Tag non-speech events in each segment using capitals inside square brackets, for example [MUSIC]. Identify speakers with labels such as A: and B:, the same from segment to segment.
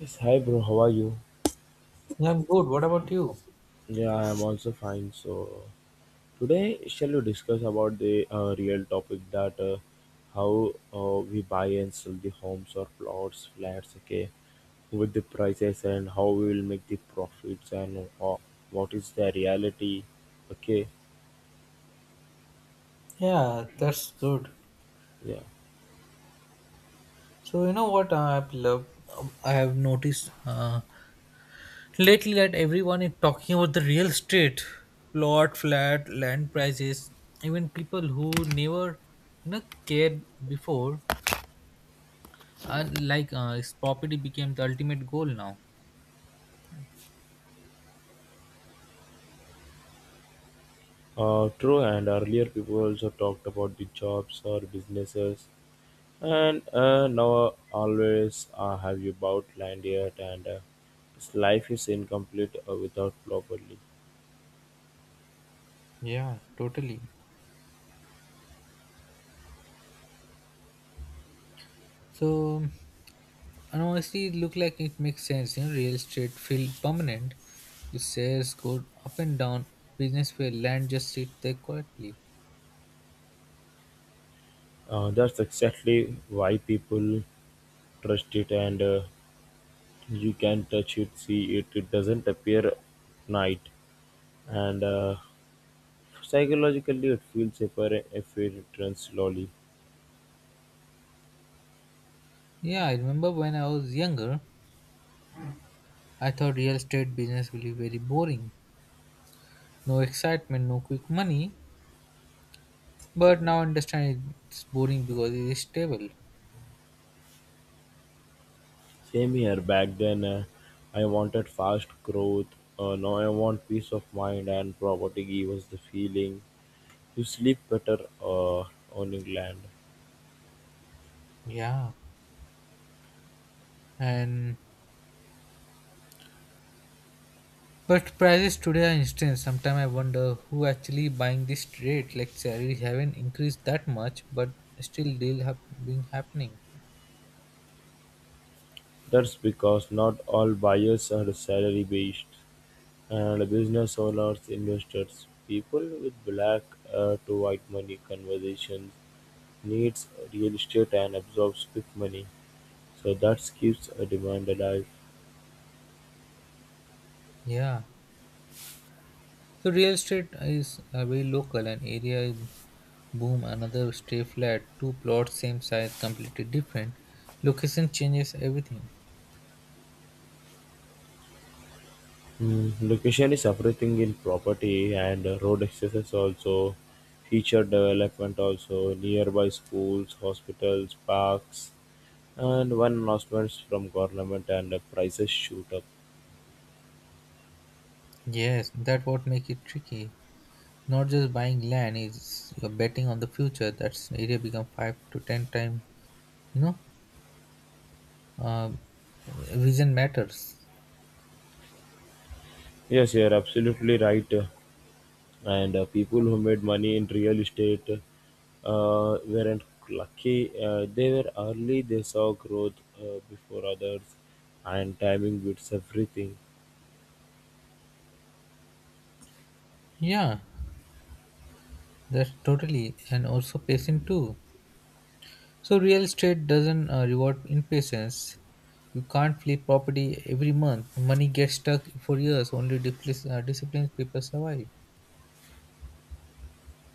A: Yes, hi bro, how are you?
B: Yeah, I'm good. What about you?
A: Yeah, I am also fine. So today, shall we discuss about the real topic that how we buy and sell the homes or plots, flats, okay, with the prices and how we will make the profits and what is the reality, okay,
B: Yeah, that's good.
A: yeah.
B: So you know what I love? I have noticed lately that everyone is talking about the real estate, plot, flat, land prices. Even people who never cared before, are like it's property became the ultimate goal now.
A: True, and earlier people also talked about the jobs or businesses. And now always have you bought land yet and its life is incomplete without properly.
B: Yeah, totally. So. And honestly, it looked like it makes sense. You know, real estate feel permanent. If shares go up and down, business where land just sit there quietly.
A: That's exactly why people trust it and you can touch it, see it. It doesn't appear night and psychologically it feels safer if it runs slowly.
B: Yeah, I remember when I was younger, I thought real estate business will be very boring. No excitement, no quick money. But now I understand it's boring because it is stable.
A: Same here. Back then, I wanted fast growth. Now I want peace of mind and property gives us the feeling. You sleep better on England.
B: Yeah. And but prices today are instant. Sometimes I wonder who actually buying this trade. Like salaries haven't increased that much, but still deal have been happening.
A: That's because not all buyers are salary based, and business owners, investors, people with black to white money conversations needs real estate and absorbs quick money. So that keeps a demand alive.
B: Yeah. So real estate is very local and area is boom, another stay flat, two plots, same size, completely different. Location changes everything.
A: Mm, location is everything in property and road access also, future development also, nearby schools, hospitals, parks and one announcements from government and prices shoot up.
B: Yes, that what make it tricky. Not just buying land is you're betting on the future. That's area become five to ten time. You know, um, vision matters.
A: Yes, you're absolutely right. And people who made money in real estate weren't lucky. They were early, they saw growth before others, and timing beats everything.
B: Yeah, that's totally and also patient too. So real estate doesn't reward impatience. You can't flip property every month. Money gets stuck for years. Only disciplined people survive.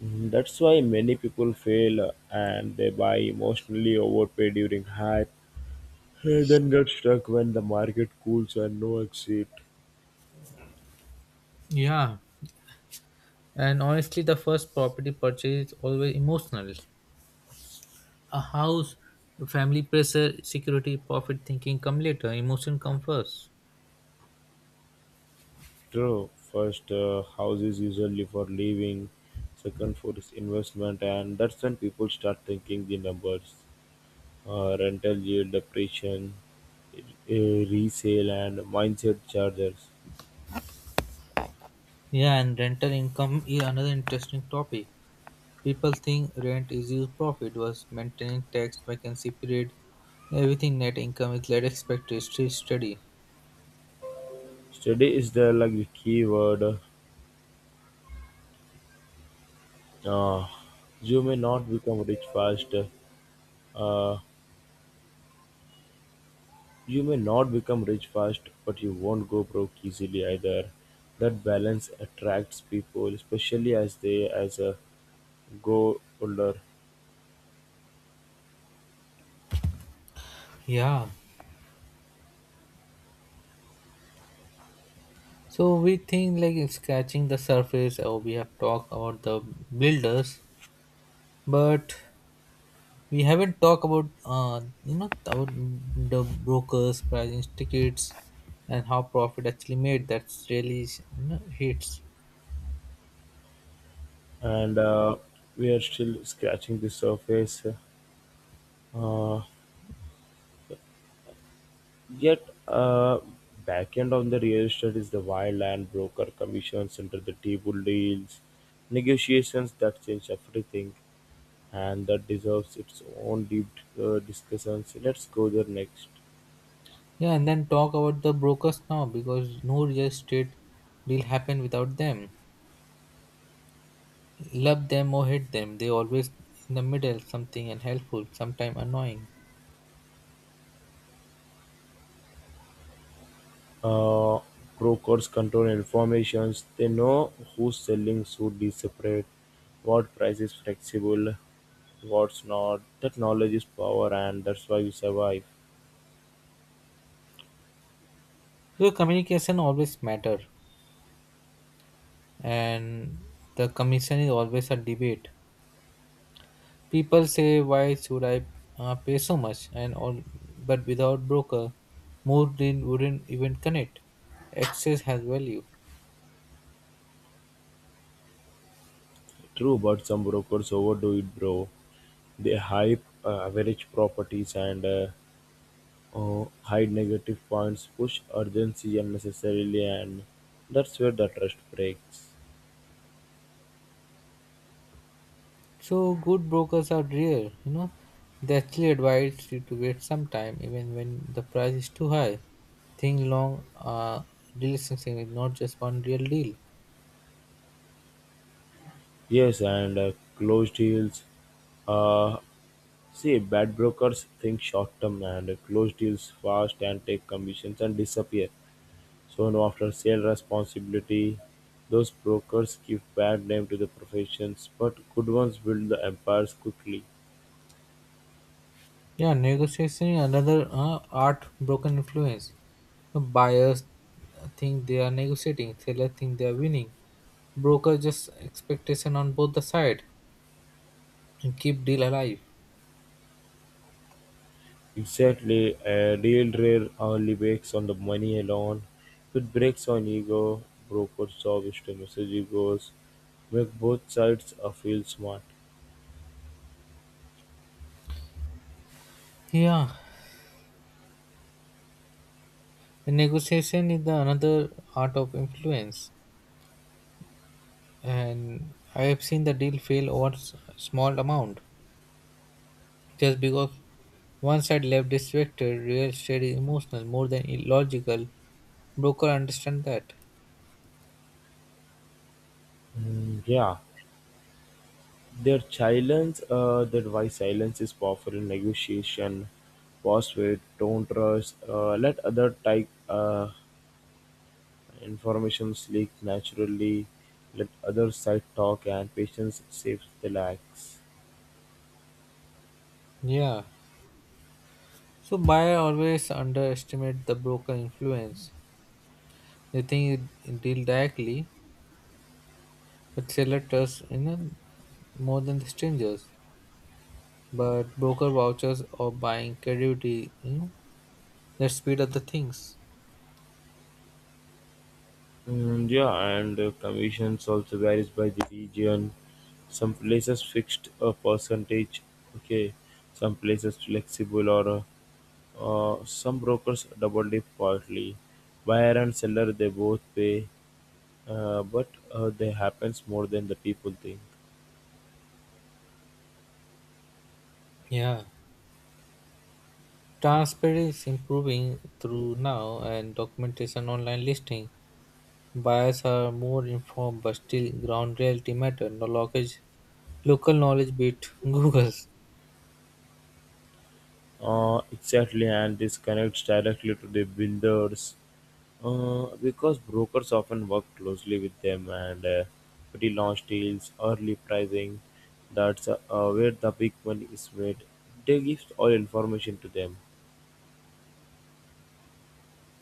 A: Mm, that's why many people fail and they buy emotionally overpay during hype, and then get stuck when the market cools and no exit.
B: Yeah, and honestly, the first property purchase is always emotional. A house, family pressure, security, profit thinking come later. Emotion come first.
A: True. First, house is usually for living. Second, for is investment, and that's when people start thinking the numbers, rental yield, depreciation, uh, resale, and mindset charges.
B: Yeah, and rental income is another interesting topic. People think rent is used profit was maintenance tax vacancy period. Everything net income is led expected to stay steady.
A: Study is the like the key word. Uh, you may not become rich fast. Uh, you may not become rich fast, but you won't go broke easily either. That balance attracts people, especially as they as grow older.
B: Yeah. So we think like scratching the surface, or we have talked about the builders, but we haven't talked about about the brokers, pricing tickets, and how profit actually made. That's really hits.
A: And we are still scratching the surface. Uh, yet, back end of the real estate is the wild land broker commissions under the table deals, negotiations that change everything, and that deserves its own deep discussions. Let's go there next.
B: Yeah, and then talk about the brokers now because no real estate deal happen without them. Love them or hate them, they always in the middle, something and helpful, sometime annoying.
A: Uh, Brokers control information; they know who's selling, should is separate, what price is flexible, what's not. That knowledge is power and that's why we survive.
B: So communication always matter. And the commission is always a debate. People say, "Why should I pay so much?" and all, but without broker, more than wouldn't even connect. Access has value,
A: True, but some brokers overdo it, bro. They hype average properties and hide negative points, push urgency unnecessarily, and that's where the trust breaks.
B: so good brokers are rare. You know, they actually advise you to wait some time, even when the price is too high. Think long. Deal is not just one real deal.
A: Yes, and closed deals. uh, See, bad brokers think short-term and close deals fast and take commissions and disappear. So no after-sale responsibility. Those brokers give bad name to the professions, but good ones build the empires quickly.
B: Yeah, negotiation is another art broken influence. The buyers think they are negotiating, seller think they are winning. Broker just expectation on both the side and keep deal alive.
A: Exactly, a real rare only breaks on the money alone. It breaks on ego. Broker's job is to message egos, make both sides feel smart.
B: Yeah, and negotiation is the another art of influence, and I have seen the deal fail over small amount just because one side left distracted. Real estate is emotional more than illogical. Broker understand that.
A: Mm, yeah. Their silence. Challenge that why silence is powerful in negotiation was with don't rush, let other type information leak naturally, let other side talk and patience saves the lags.
B: Yeah. So buyer always underestimate the broker influence. They think it deal directly, but seller trusts, more than the strangers. But broker vouchers or buying credibility, that speed up the things.
A: Mm, yeah, and commissions also varies by the region. Some places fixed a percentage, okay. Some places flexible or some brokers double dip quietly. Buyer and seller they both pay. But they happens more than the people think.
B: Yeah. Transparency is improving through now and documentation online listing. Buyers are more informed but still ground reality matter. No lockage local knowledge beat [LAUGHS] Google's.
A: Exactly, and this connects directly to the builders because brokers often work closely with them and pre-launch deals, early pricing. That's where the big money is made. They give all information to them.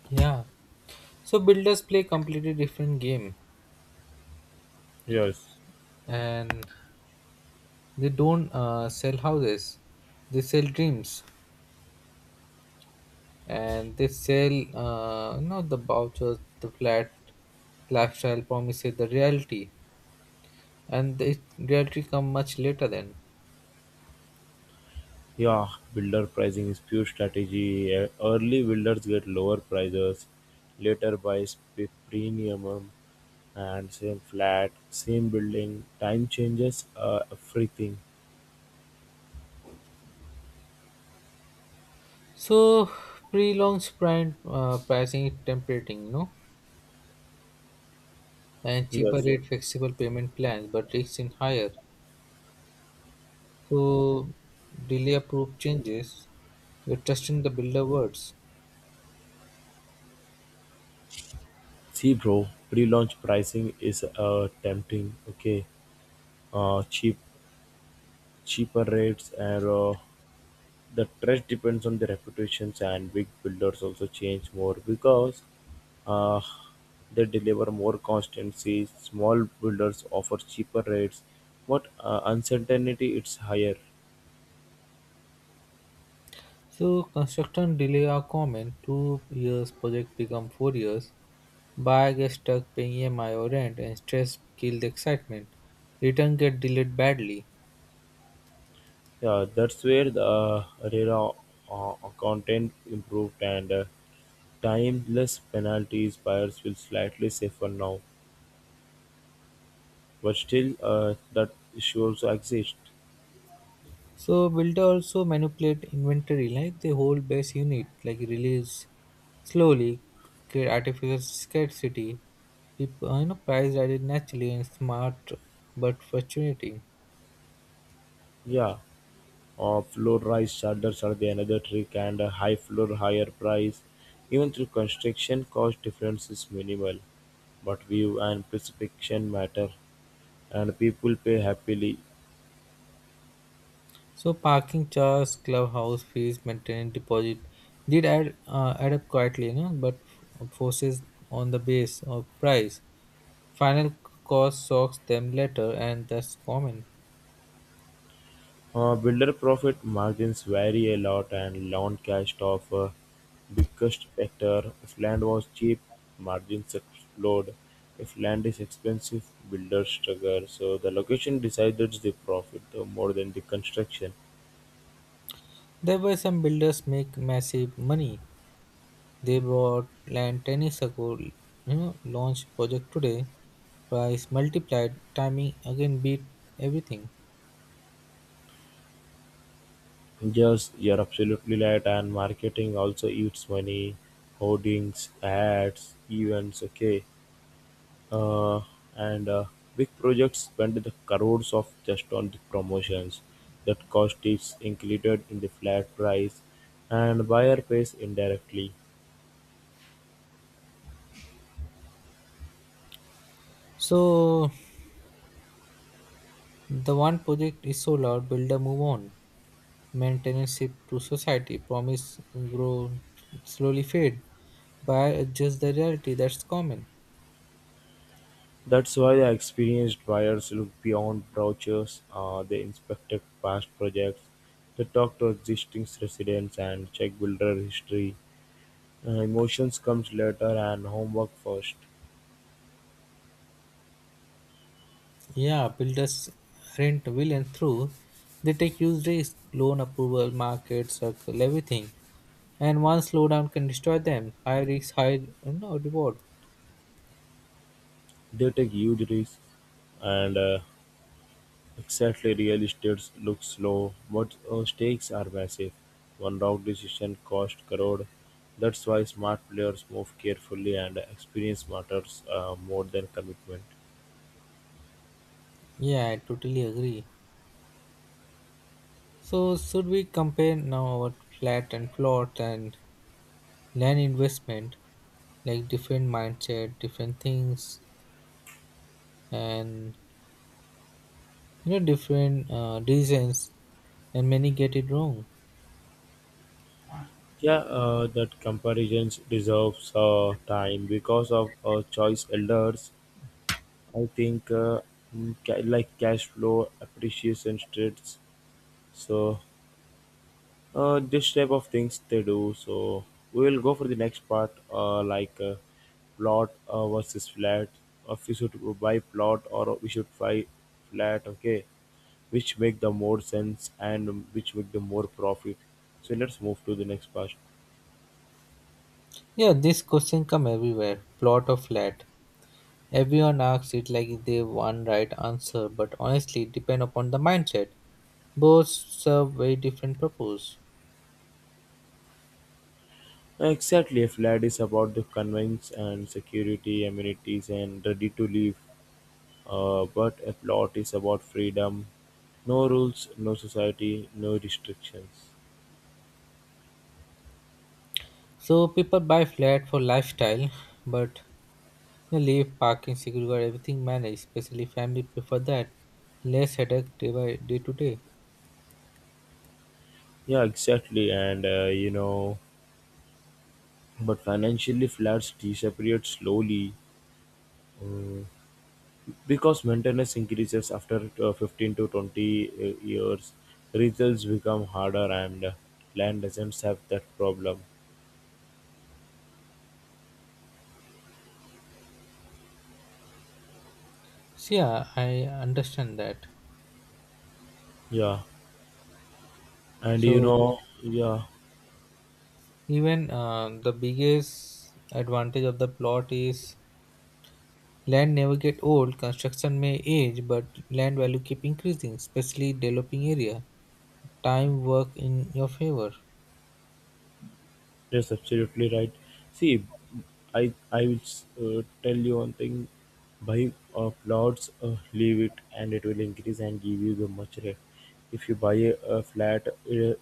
B: Yeah. So builders play completely different game,
A: Yes.
B: and they don't sell houses. They sell dreams, and they sell not the vouchers, the flat lifestyle promises, the reality, and the reality come much later then.
A: Yeah, builder pricing is pure strategy. Early builders get lower prices, later buys with premium and same flat, same building. Time changes everything.
B: So prolonged sprint pricing is tempting, no, and cheaper
A: Yes.
B: rate flexible payment plans, but risks in higher. So delay approve changes. You're trusting the builder words.
A: See, bro, pre-launch pricing is tempting. Okay, uh, cheap, cheaper rates, and the trust depends on the reputations. And big builders also change more because Uh, they deliver more consistency, small builders offer cheaper rates, but uncertainty is higher.
B: So construction delay are common. 2 years project become 4 years. Buyer gets stuck paying EMI or rent and stress kill the excitement. Return get delayed badly.
A: Yeah, that's where the RERA uh, content improved and timeless penalties buyers feel slightly safer now, but still that issues exist.
B: So builder also manipulate inventory like they hold base unit like release slowly, create artificial scarcity. People price added naturally and smart but frustrating.
A: Yeah. Low-rise shutters are the another trick, and a high floor, higher price. Even through construction, cost difference is minimal, but view and perception matter, and people pay happily.
B: So parking charges, clubhouse fees, maintenance deposit did add up quietly, but forces on the base of price. Final cost shocks them later, and that's common.
A: Builder profit margins vary a lot, and land cash of biggest factor. If land was cheap, margins explode. If land is expensive, builders struggle. So the location decides the profit more than the construction.
B: There were some builders make massive money. They bought land 10 years ago, launched project today, price multiplied, timing again beat everything.
A: Yes, you're absolutely right. And marketing also eats money, hoardings, ads, events. Okay, uh, and big projects spend the crores of just on the promotions. That cost is included in the flat price, and buyer pays indirectly.
B: So the one project is sold out, builder move on. Maintenance shift to society, promise grow slowly fade. Buyer adjust the reality, that's common.
A: That's why the experienced buyers look beyond brochures. They inspected past projects, they talk to existing residents and check builder history. Emotions comes later and homework first.
B: Yeah, builders rent villain through. They take huge risk, loan approval, market, circle, everything. And one slowdown can destroy them. High risk, high, reward.
A: They take huge risks and exactly real estate looks slow, but stakes are massive. One wrong decision cost crore. That's why smart players move carefully and experience matters more than commitment.
B: Yeah, I totally agree. So should we compare now our flat and plot and land investment, like different mindset, different things, and different reasons, and many get it wrong?
A: Yeah, that comparisons deserves time because of choice elders. I think like cash flow appreciation states. So this type of things they do. So we will go for the next part, plot versus flat. If you should buy plot or we should buy flat, okay, which make the more sense and which make the more profit. So let's move to the next part.
B: Yeah, this question come everywhere, plot or flat, everyone asks it like if they one right answer, but honestly it depend upon the mindset. Both serve very different purpose.
A: Exactly, a flat is about the convenience and security, amenities, and ready to live. But a plot is about freedom, no rules, no society, no restrictions.
B: So people buy flat for lifestyle, but leave parking security guard everything managed, especially family prefer that less headache day by day to day.
A: Yeah, exactly. And but financially flats disappeared slowly uh, because maintenance increases after 15 to 20 years. Results become harder, and land doesn't have that problem.
B: So yeah, I understand that.
A: Yeah, and
B: So
A: yeah.
B: even the biggest advantage of the plot is land never get old. Construction may age, but land value keep increasing, especially developing area. Time work in your favor.
A: Yes, absolutely right. See, I will tell you one thing. Buy plots, leave it, and it will increase and give you the much rent. If you buy a flat,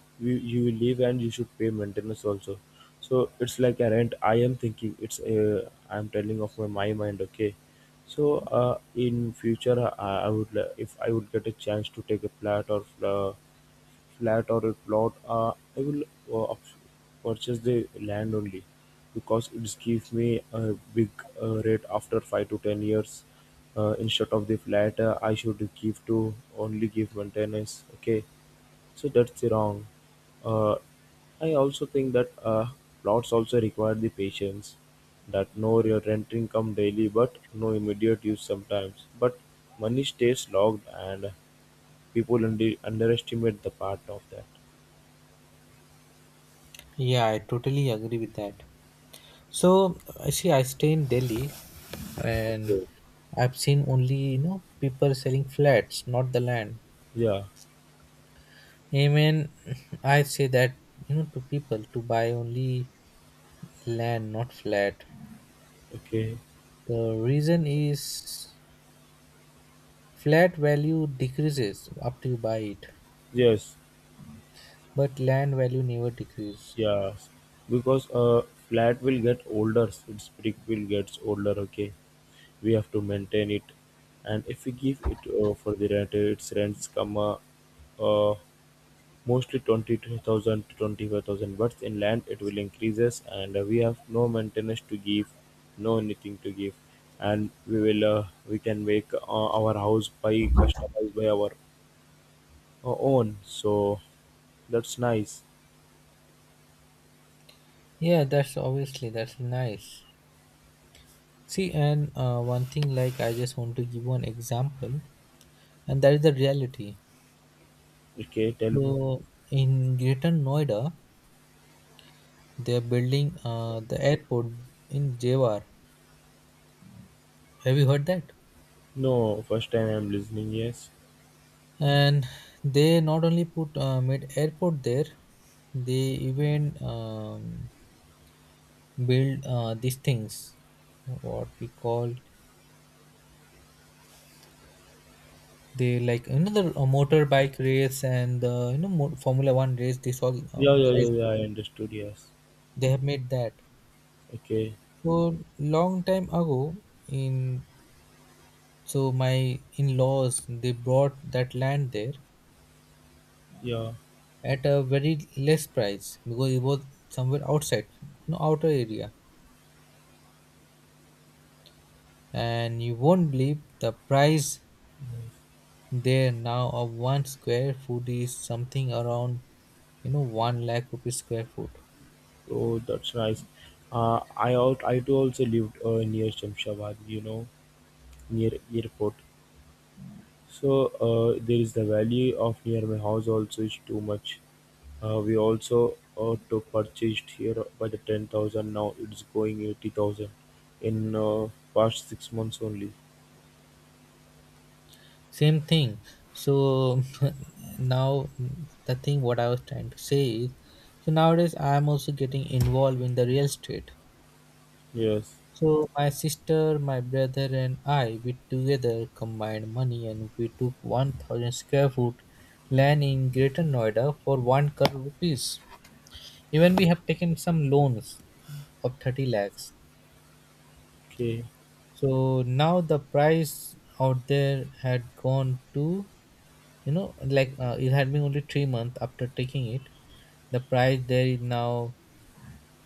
A: you will leave and you should pay maintenance also. So it's like a rent. I am thinking it's I am telling of my mind. Okay, so in future I would if I would get a chance to take a flat or. Uh, Flat or a plot, I will uh, up- purchase the land only because it gives me a big rate after 5 to 10 years. Instead of the flat, I should give to only give maintenance. Okay, so that's wrong. Uh, I also think that plots also require the patience that no your rent income daily but no immediate use sometimes but money stays logged and people underestimate the part of that.
B: Yeah, I totally agree with that. So, I see, I stay in Delhi, and
A: Okay.
B: I've seen only, people selling flats, not the land.
A: Yeah.
B: Amen. [LAUGHS] I say that, to people to buy only land, not flat.
A: Okay.
B: The reason is flat value decreases after you buy it,
A: Yes.
B: but land value never decrease.
A: Yes. Because flat will get older. Its brick will gets older. Okay. We have to maintain it, and if we give it for the rent, its rents come uh, mostly 20,000 to 25,000. But in land, it will increases, and we have no maintenance to give, no anything to give, and we will we can make our house by customized by our own. So that's nice.
B: Yeah, that's obviously that's nice. See, and one thing like I just want to give one example, and that is the reality.
A: Okay, tell me.
B: So in Greater Noida, they are building the airport in Jewar. Have you heard that?
A: No, first time I'm listening, yes.
B: And they not only put made airport there, they even build these things, what we call. They like another motorbike race and the Formula One race. They saw
A: Yeah, yeah,
B: the race.
A: yeah, yeah, I understood, yes.
B: They have made that.
A: Okay,
B: So long time ago, in so my in-laws they brought that land there
A: yeah.
B: at a very less price because it was somewhere outside, no outer area. And you won't believe the price
A: Nice.
B: there now of one square foot is something around, 1 lakh rupees square foot.
A: Oh, that's nice. I too also lived near Shamshabad, you know, near airport. So there is the value of near my house also is too much. We also to purchased here by the 10,000 now it's going 80,000 in past 6 months only.
B: Same thing. So [LAUGHS] now, the thing what I was trying to say is, so nowadays I am also getting involved in the real estate.
A: Yes.
B: So my sister, my brother, and I, we together combined money and we took 1000 square foot land in Greater Noida for 1 crore rupees. Even we have taken some loans of 30 lakhs.
A: Okay.
B: So now the price out there had gone to, you know like it had been only 3 months after taking it, the price there is now,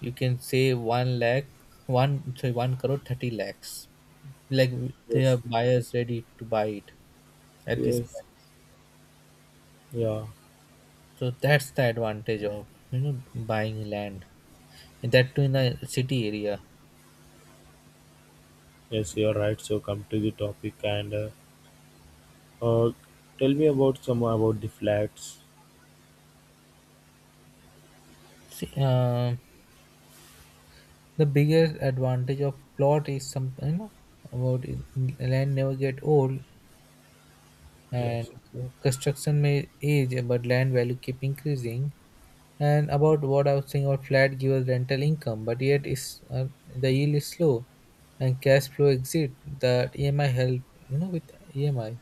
B: you can say, 1 lakh, one, sorry, 1 crore 30 lakhs, like they
A: Yes.
B: are buyers ready to buy it at this
A: Yes.
B: price.
A: Yeah,
B: So that's the advantage of, you know buying land, and that too in the city area.
A: yes, you're right. So come to the topic and uh, tell me about some about the flats.
B: See, the biggest advantage of plot is something, about it, land never get old, and
A: Yes,
B: construction may age but land value keep increasing. And about what I was saying about flat gives rental income, but yet is the yield is slow, and cash flow exit that EMI help, with EMI,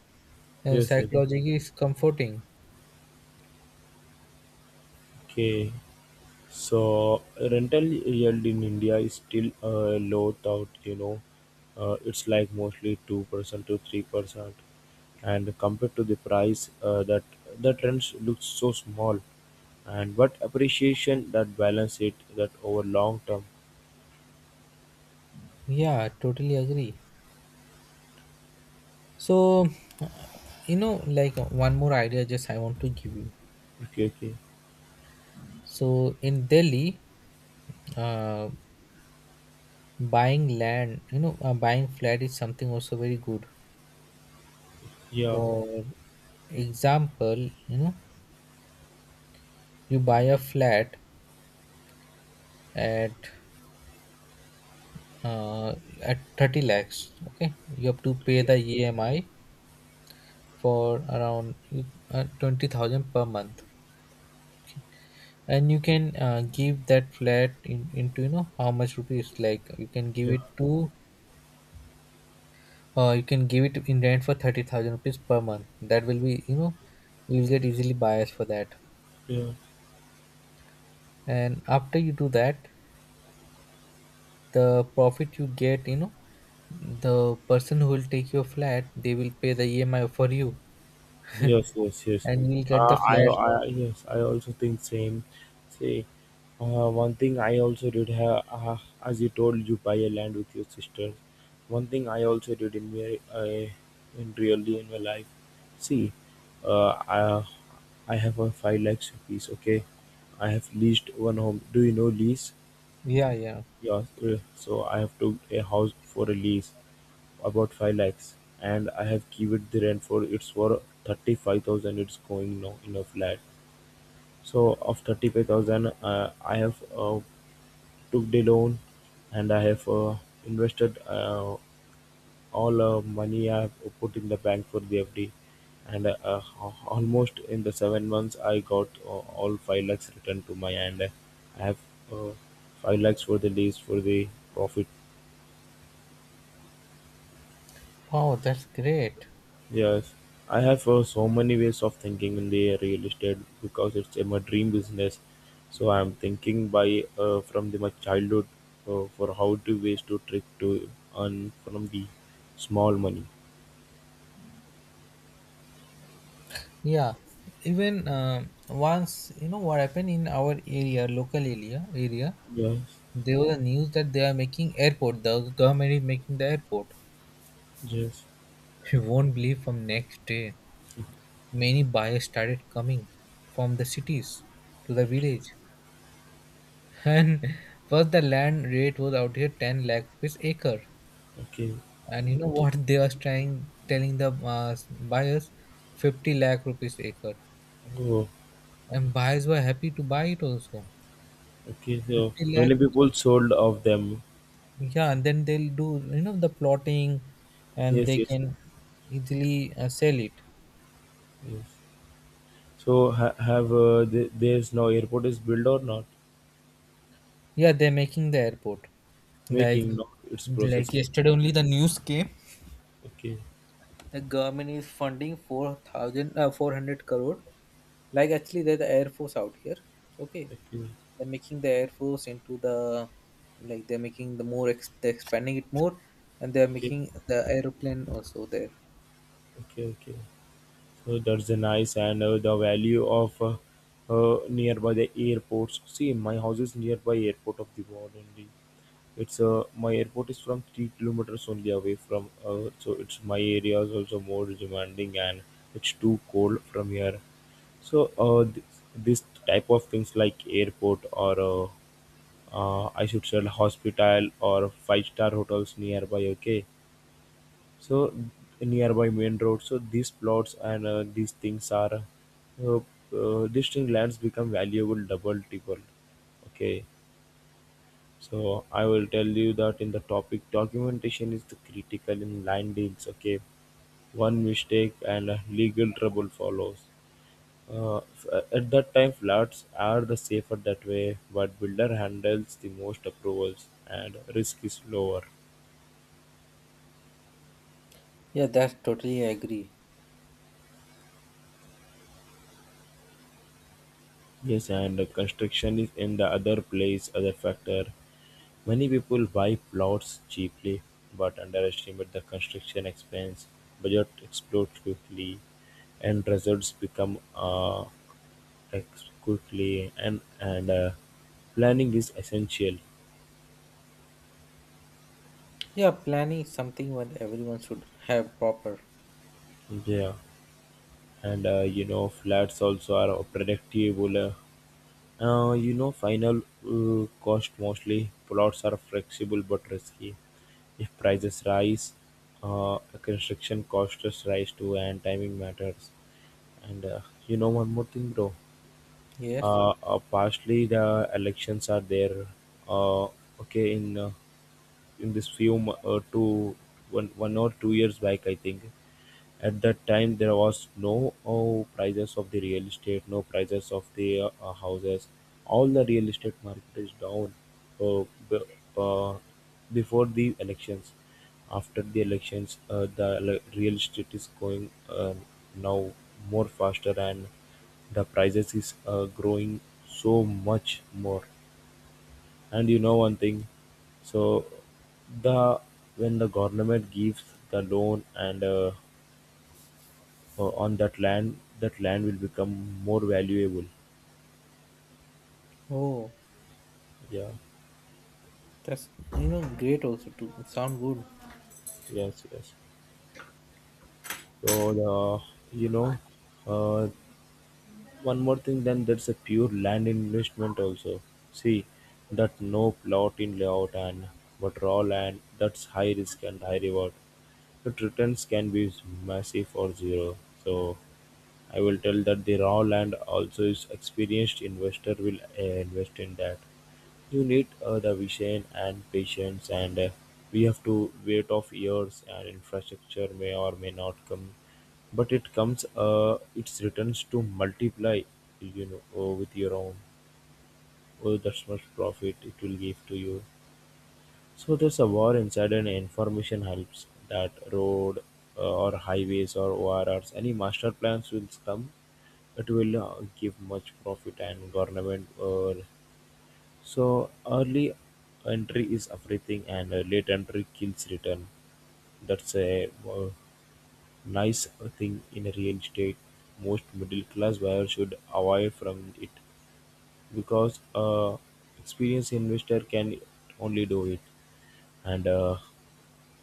B: and
A: yes, yes.
B: psychologically is comforting.
A: Okay. So rental yield in India is still low, thought you know, it's like mostly 2% to 3%, and compared to the price, that the trends looks so small, and but appreciation that balance it that over long term.
B: Yeah, I totally agree. So, like one more idea just I want to give you.
A: Okay, okay.
B: So in Delhi, uh, buying land you know buying flat is something also very good.
A: Yeah.
B: For example, you know you buy a flat at uh, 30 lakhs. Okay, you have to pay
A: Okay.
B: the EMI for around 20,000 per month, and you can give that flat in, into, how much rupees, like
A: Yeah.
B: you can give it in rent for 30,000 rupees per month. That will be, you will get easily buyers for that.
A: Yeah.
B: And after you do that, the profit you get, the person who will take your flat, they will pay the EMI for you,
A: Yes, yes, yes.
B: and you will get the flat.
A: Yes, I also think same. See, one thing I also did have, as you told, you buy a land with your sister. One thing I also did in in really in my life. See, uh, I, I have a 5 lakhs rupees. Okay, I have leased one home. Do you know lease?
B: Yeah, yeah.
A: Yeah. So I have took a house for a lease about 5 lakhs, and I have given the rent for it's for 35,000 it's going now in a flat. So of 35,000, I have took the loan, and I have invested all money I have put in the bank for the FD, and almost in the 7 months I got all 5 lakhs returned to my hand. I have uh, 5 lakhs for the lease for the profit.
B: Wow, that's great.
A: Yes, I have so many ways of thinking in the real estate because it's my dream business. So I'm thinking by from my childhood for how to ways to trick to earn from the small money.
B: Yeah, even once, what happened in our area, local area,
A: Yes,
B: there was a news that they are making airport. The government is making the airport.
A: yes.
B: You won't believe. From next day, many buyers started coming from the cities to the
A: Okay.
B: village, [LAUGHS] and first the land rate was out here 10 lakh rupees acre,
A: Okay.
B: and you know what they are trying telling the uh, buyers, 50 lakh rupees acre,
A: Oh,
B: and buyers were happy to buy it also.
A: okay. So
B: 50
A: many
B: lakh,
A: people sold of them.
B: yeah, and then they'll do, the plotting and
A: Yes,
B: they
A: yes,
B: can easily sell it.
A: yes. So have there's no airport is built or not?
B: Yeah, they're making the airport, like
A: Making not it's
B: like
A: processing.
B: yesterday only the news came,
A: Okay,
B: the government is funding 4000, 400 crore, like actually they're the air force out here, okay,
A: okay,
B: they're making the air force into the, like, they're making the more they're expanding it more, and they're
A: okay.
B: making the aeroplane also there.
A: Okay, okay. So that's a nice, and the value of nearby the airports. See, my house is nearby airport of the world only. It's my airport is from 3 kilometers only away from. So it's my area is also more demanding, and it's too cold from here. So this type of things like airport or I should say hospital or five-star hotels nearby. Okay, so nearby main road, so these plots and these things are uh, distinct lands become valuable, double, triple. Okay, so I will tell you that in the topic documentation is the critical in land deals. Okay, one mistake and legal trouble follows. At that time floods are the safer that way, but builder handles the most approvals and risk is lower.
B: Yeah, that's totally I agree.
A: Yes, and the construction is in the other place, other factor. Many people buy plots cheaply but underestimate the construction expense. Budget explodes quickly, and results become quickly. And planning is essential.
B: Yeah, planning is something what everyone should have proper.
A: Yeah, and you know flats also are predictable. You know, final cost mostly plots are flexible but risky. If prices rise, construction costs rise too, and timing matters. And you know one more thing, bro.
B: Yes.
A: Partially the elections are there. Uh, okay, in this few two, one, one or 2 years back, I think at that time there was no prices of the real estate, no prices of the houses. All the real estate market is down uh, b- uh, before the elections. After the elections, real estate is going now more faster, and the prices is growing so much more. And you know one thing, so the when the government gives the loan and on that land will become more valuable.
B: Oh,
A: Yeah,
B: that's, great also to sound good.
A: yes, yes. So the you know, uh, one more thing. Then that's a pure land investment also. See, that no plot in layout and but raw land. That's high risk and high reward. But returns can be massive or zero. So I will tell that the raw land also is experienced investor will invest in that. You need the vision and patience, and we have to wait of years. And infrastructure may or may not come, but it comes. Its returns to multiply. You know, with your own. Oh, that's much profit it will give to you. So there's a war inside, and information helps that road or highways or ORRs. Any master plans will come, it will give much profit and government so early entry is everything, and late entry kills return. That's a nice thing in real estate. Most middle class buyers should avoid from it because experienced investor can only do it, and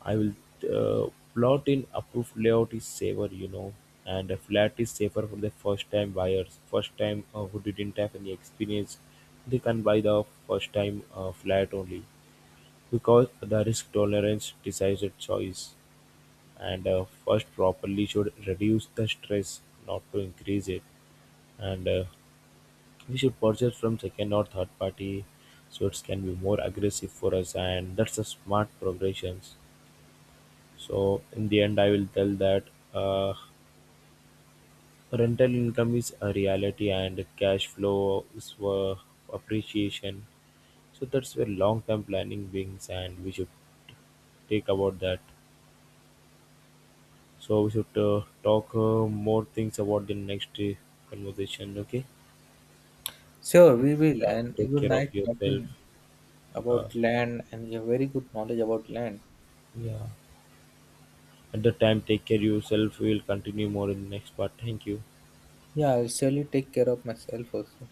A: I will plot in approved layout is safer, you know, and a flat is safer for the first time buyers, first time who didn't have any experience, they can buy the first time flat only, because the risk tolerance decides the choice, and first properly should reduce the stress, not to increase it, and we should purchase from second or third party, so it can be more aggressive for us, and that's a smart progressions. So in the end, I will tell that uh, rental income is a reality and cash flow is for appreciation. So that's where long-term planning brings, and we should take about that. So we should talk more things about the next conversation. Okay,
B: Sure, we will,
A: yeah,
B: and you
A: take
B: will
A: care of
B: like
A: yourself.
B: talking
A: Uh,
B: about land, and you have very good knowledge about land.
A: yeah, at the time, take care yourself. We will continue more in the next part. Thank you.
B: Yeah, I'll surely take care of myself also.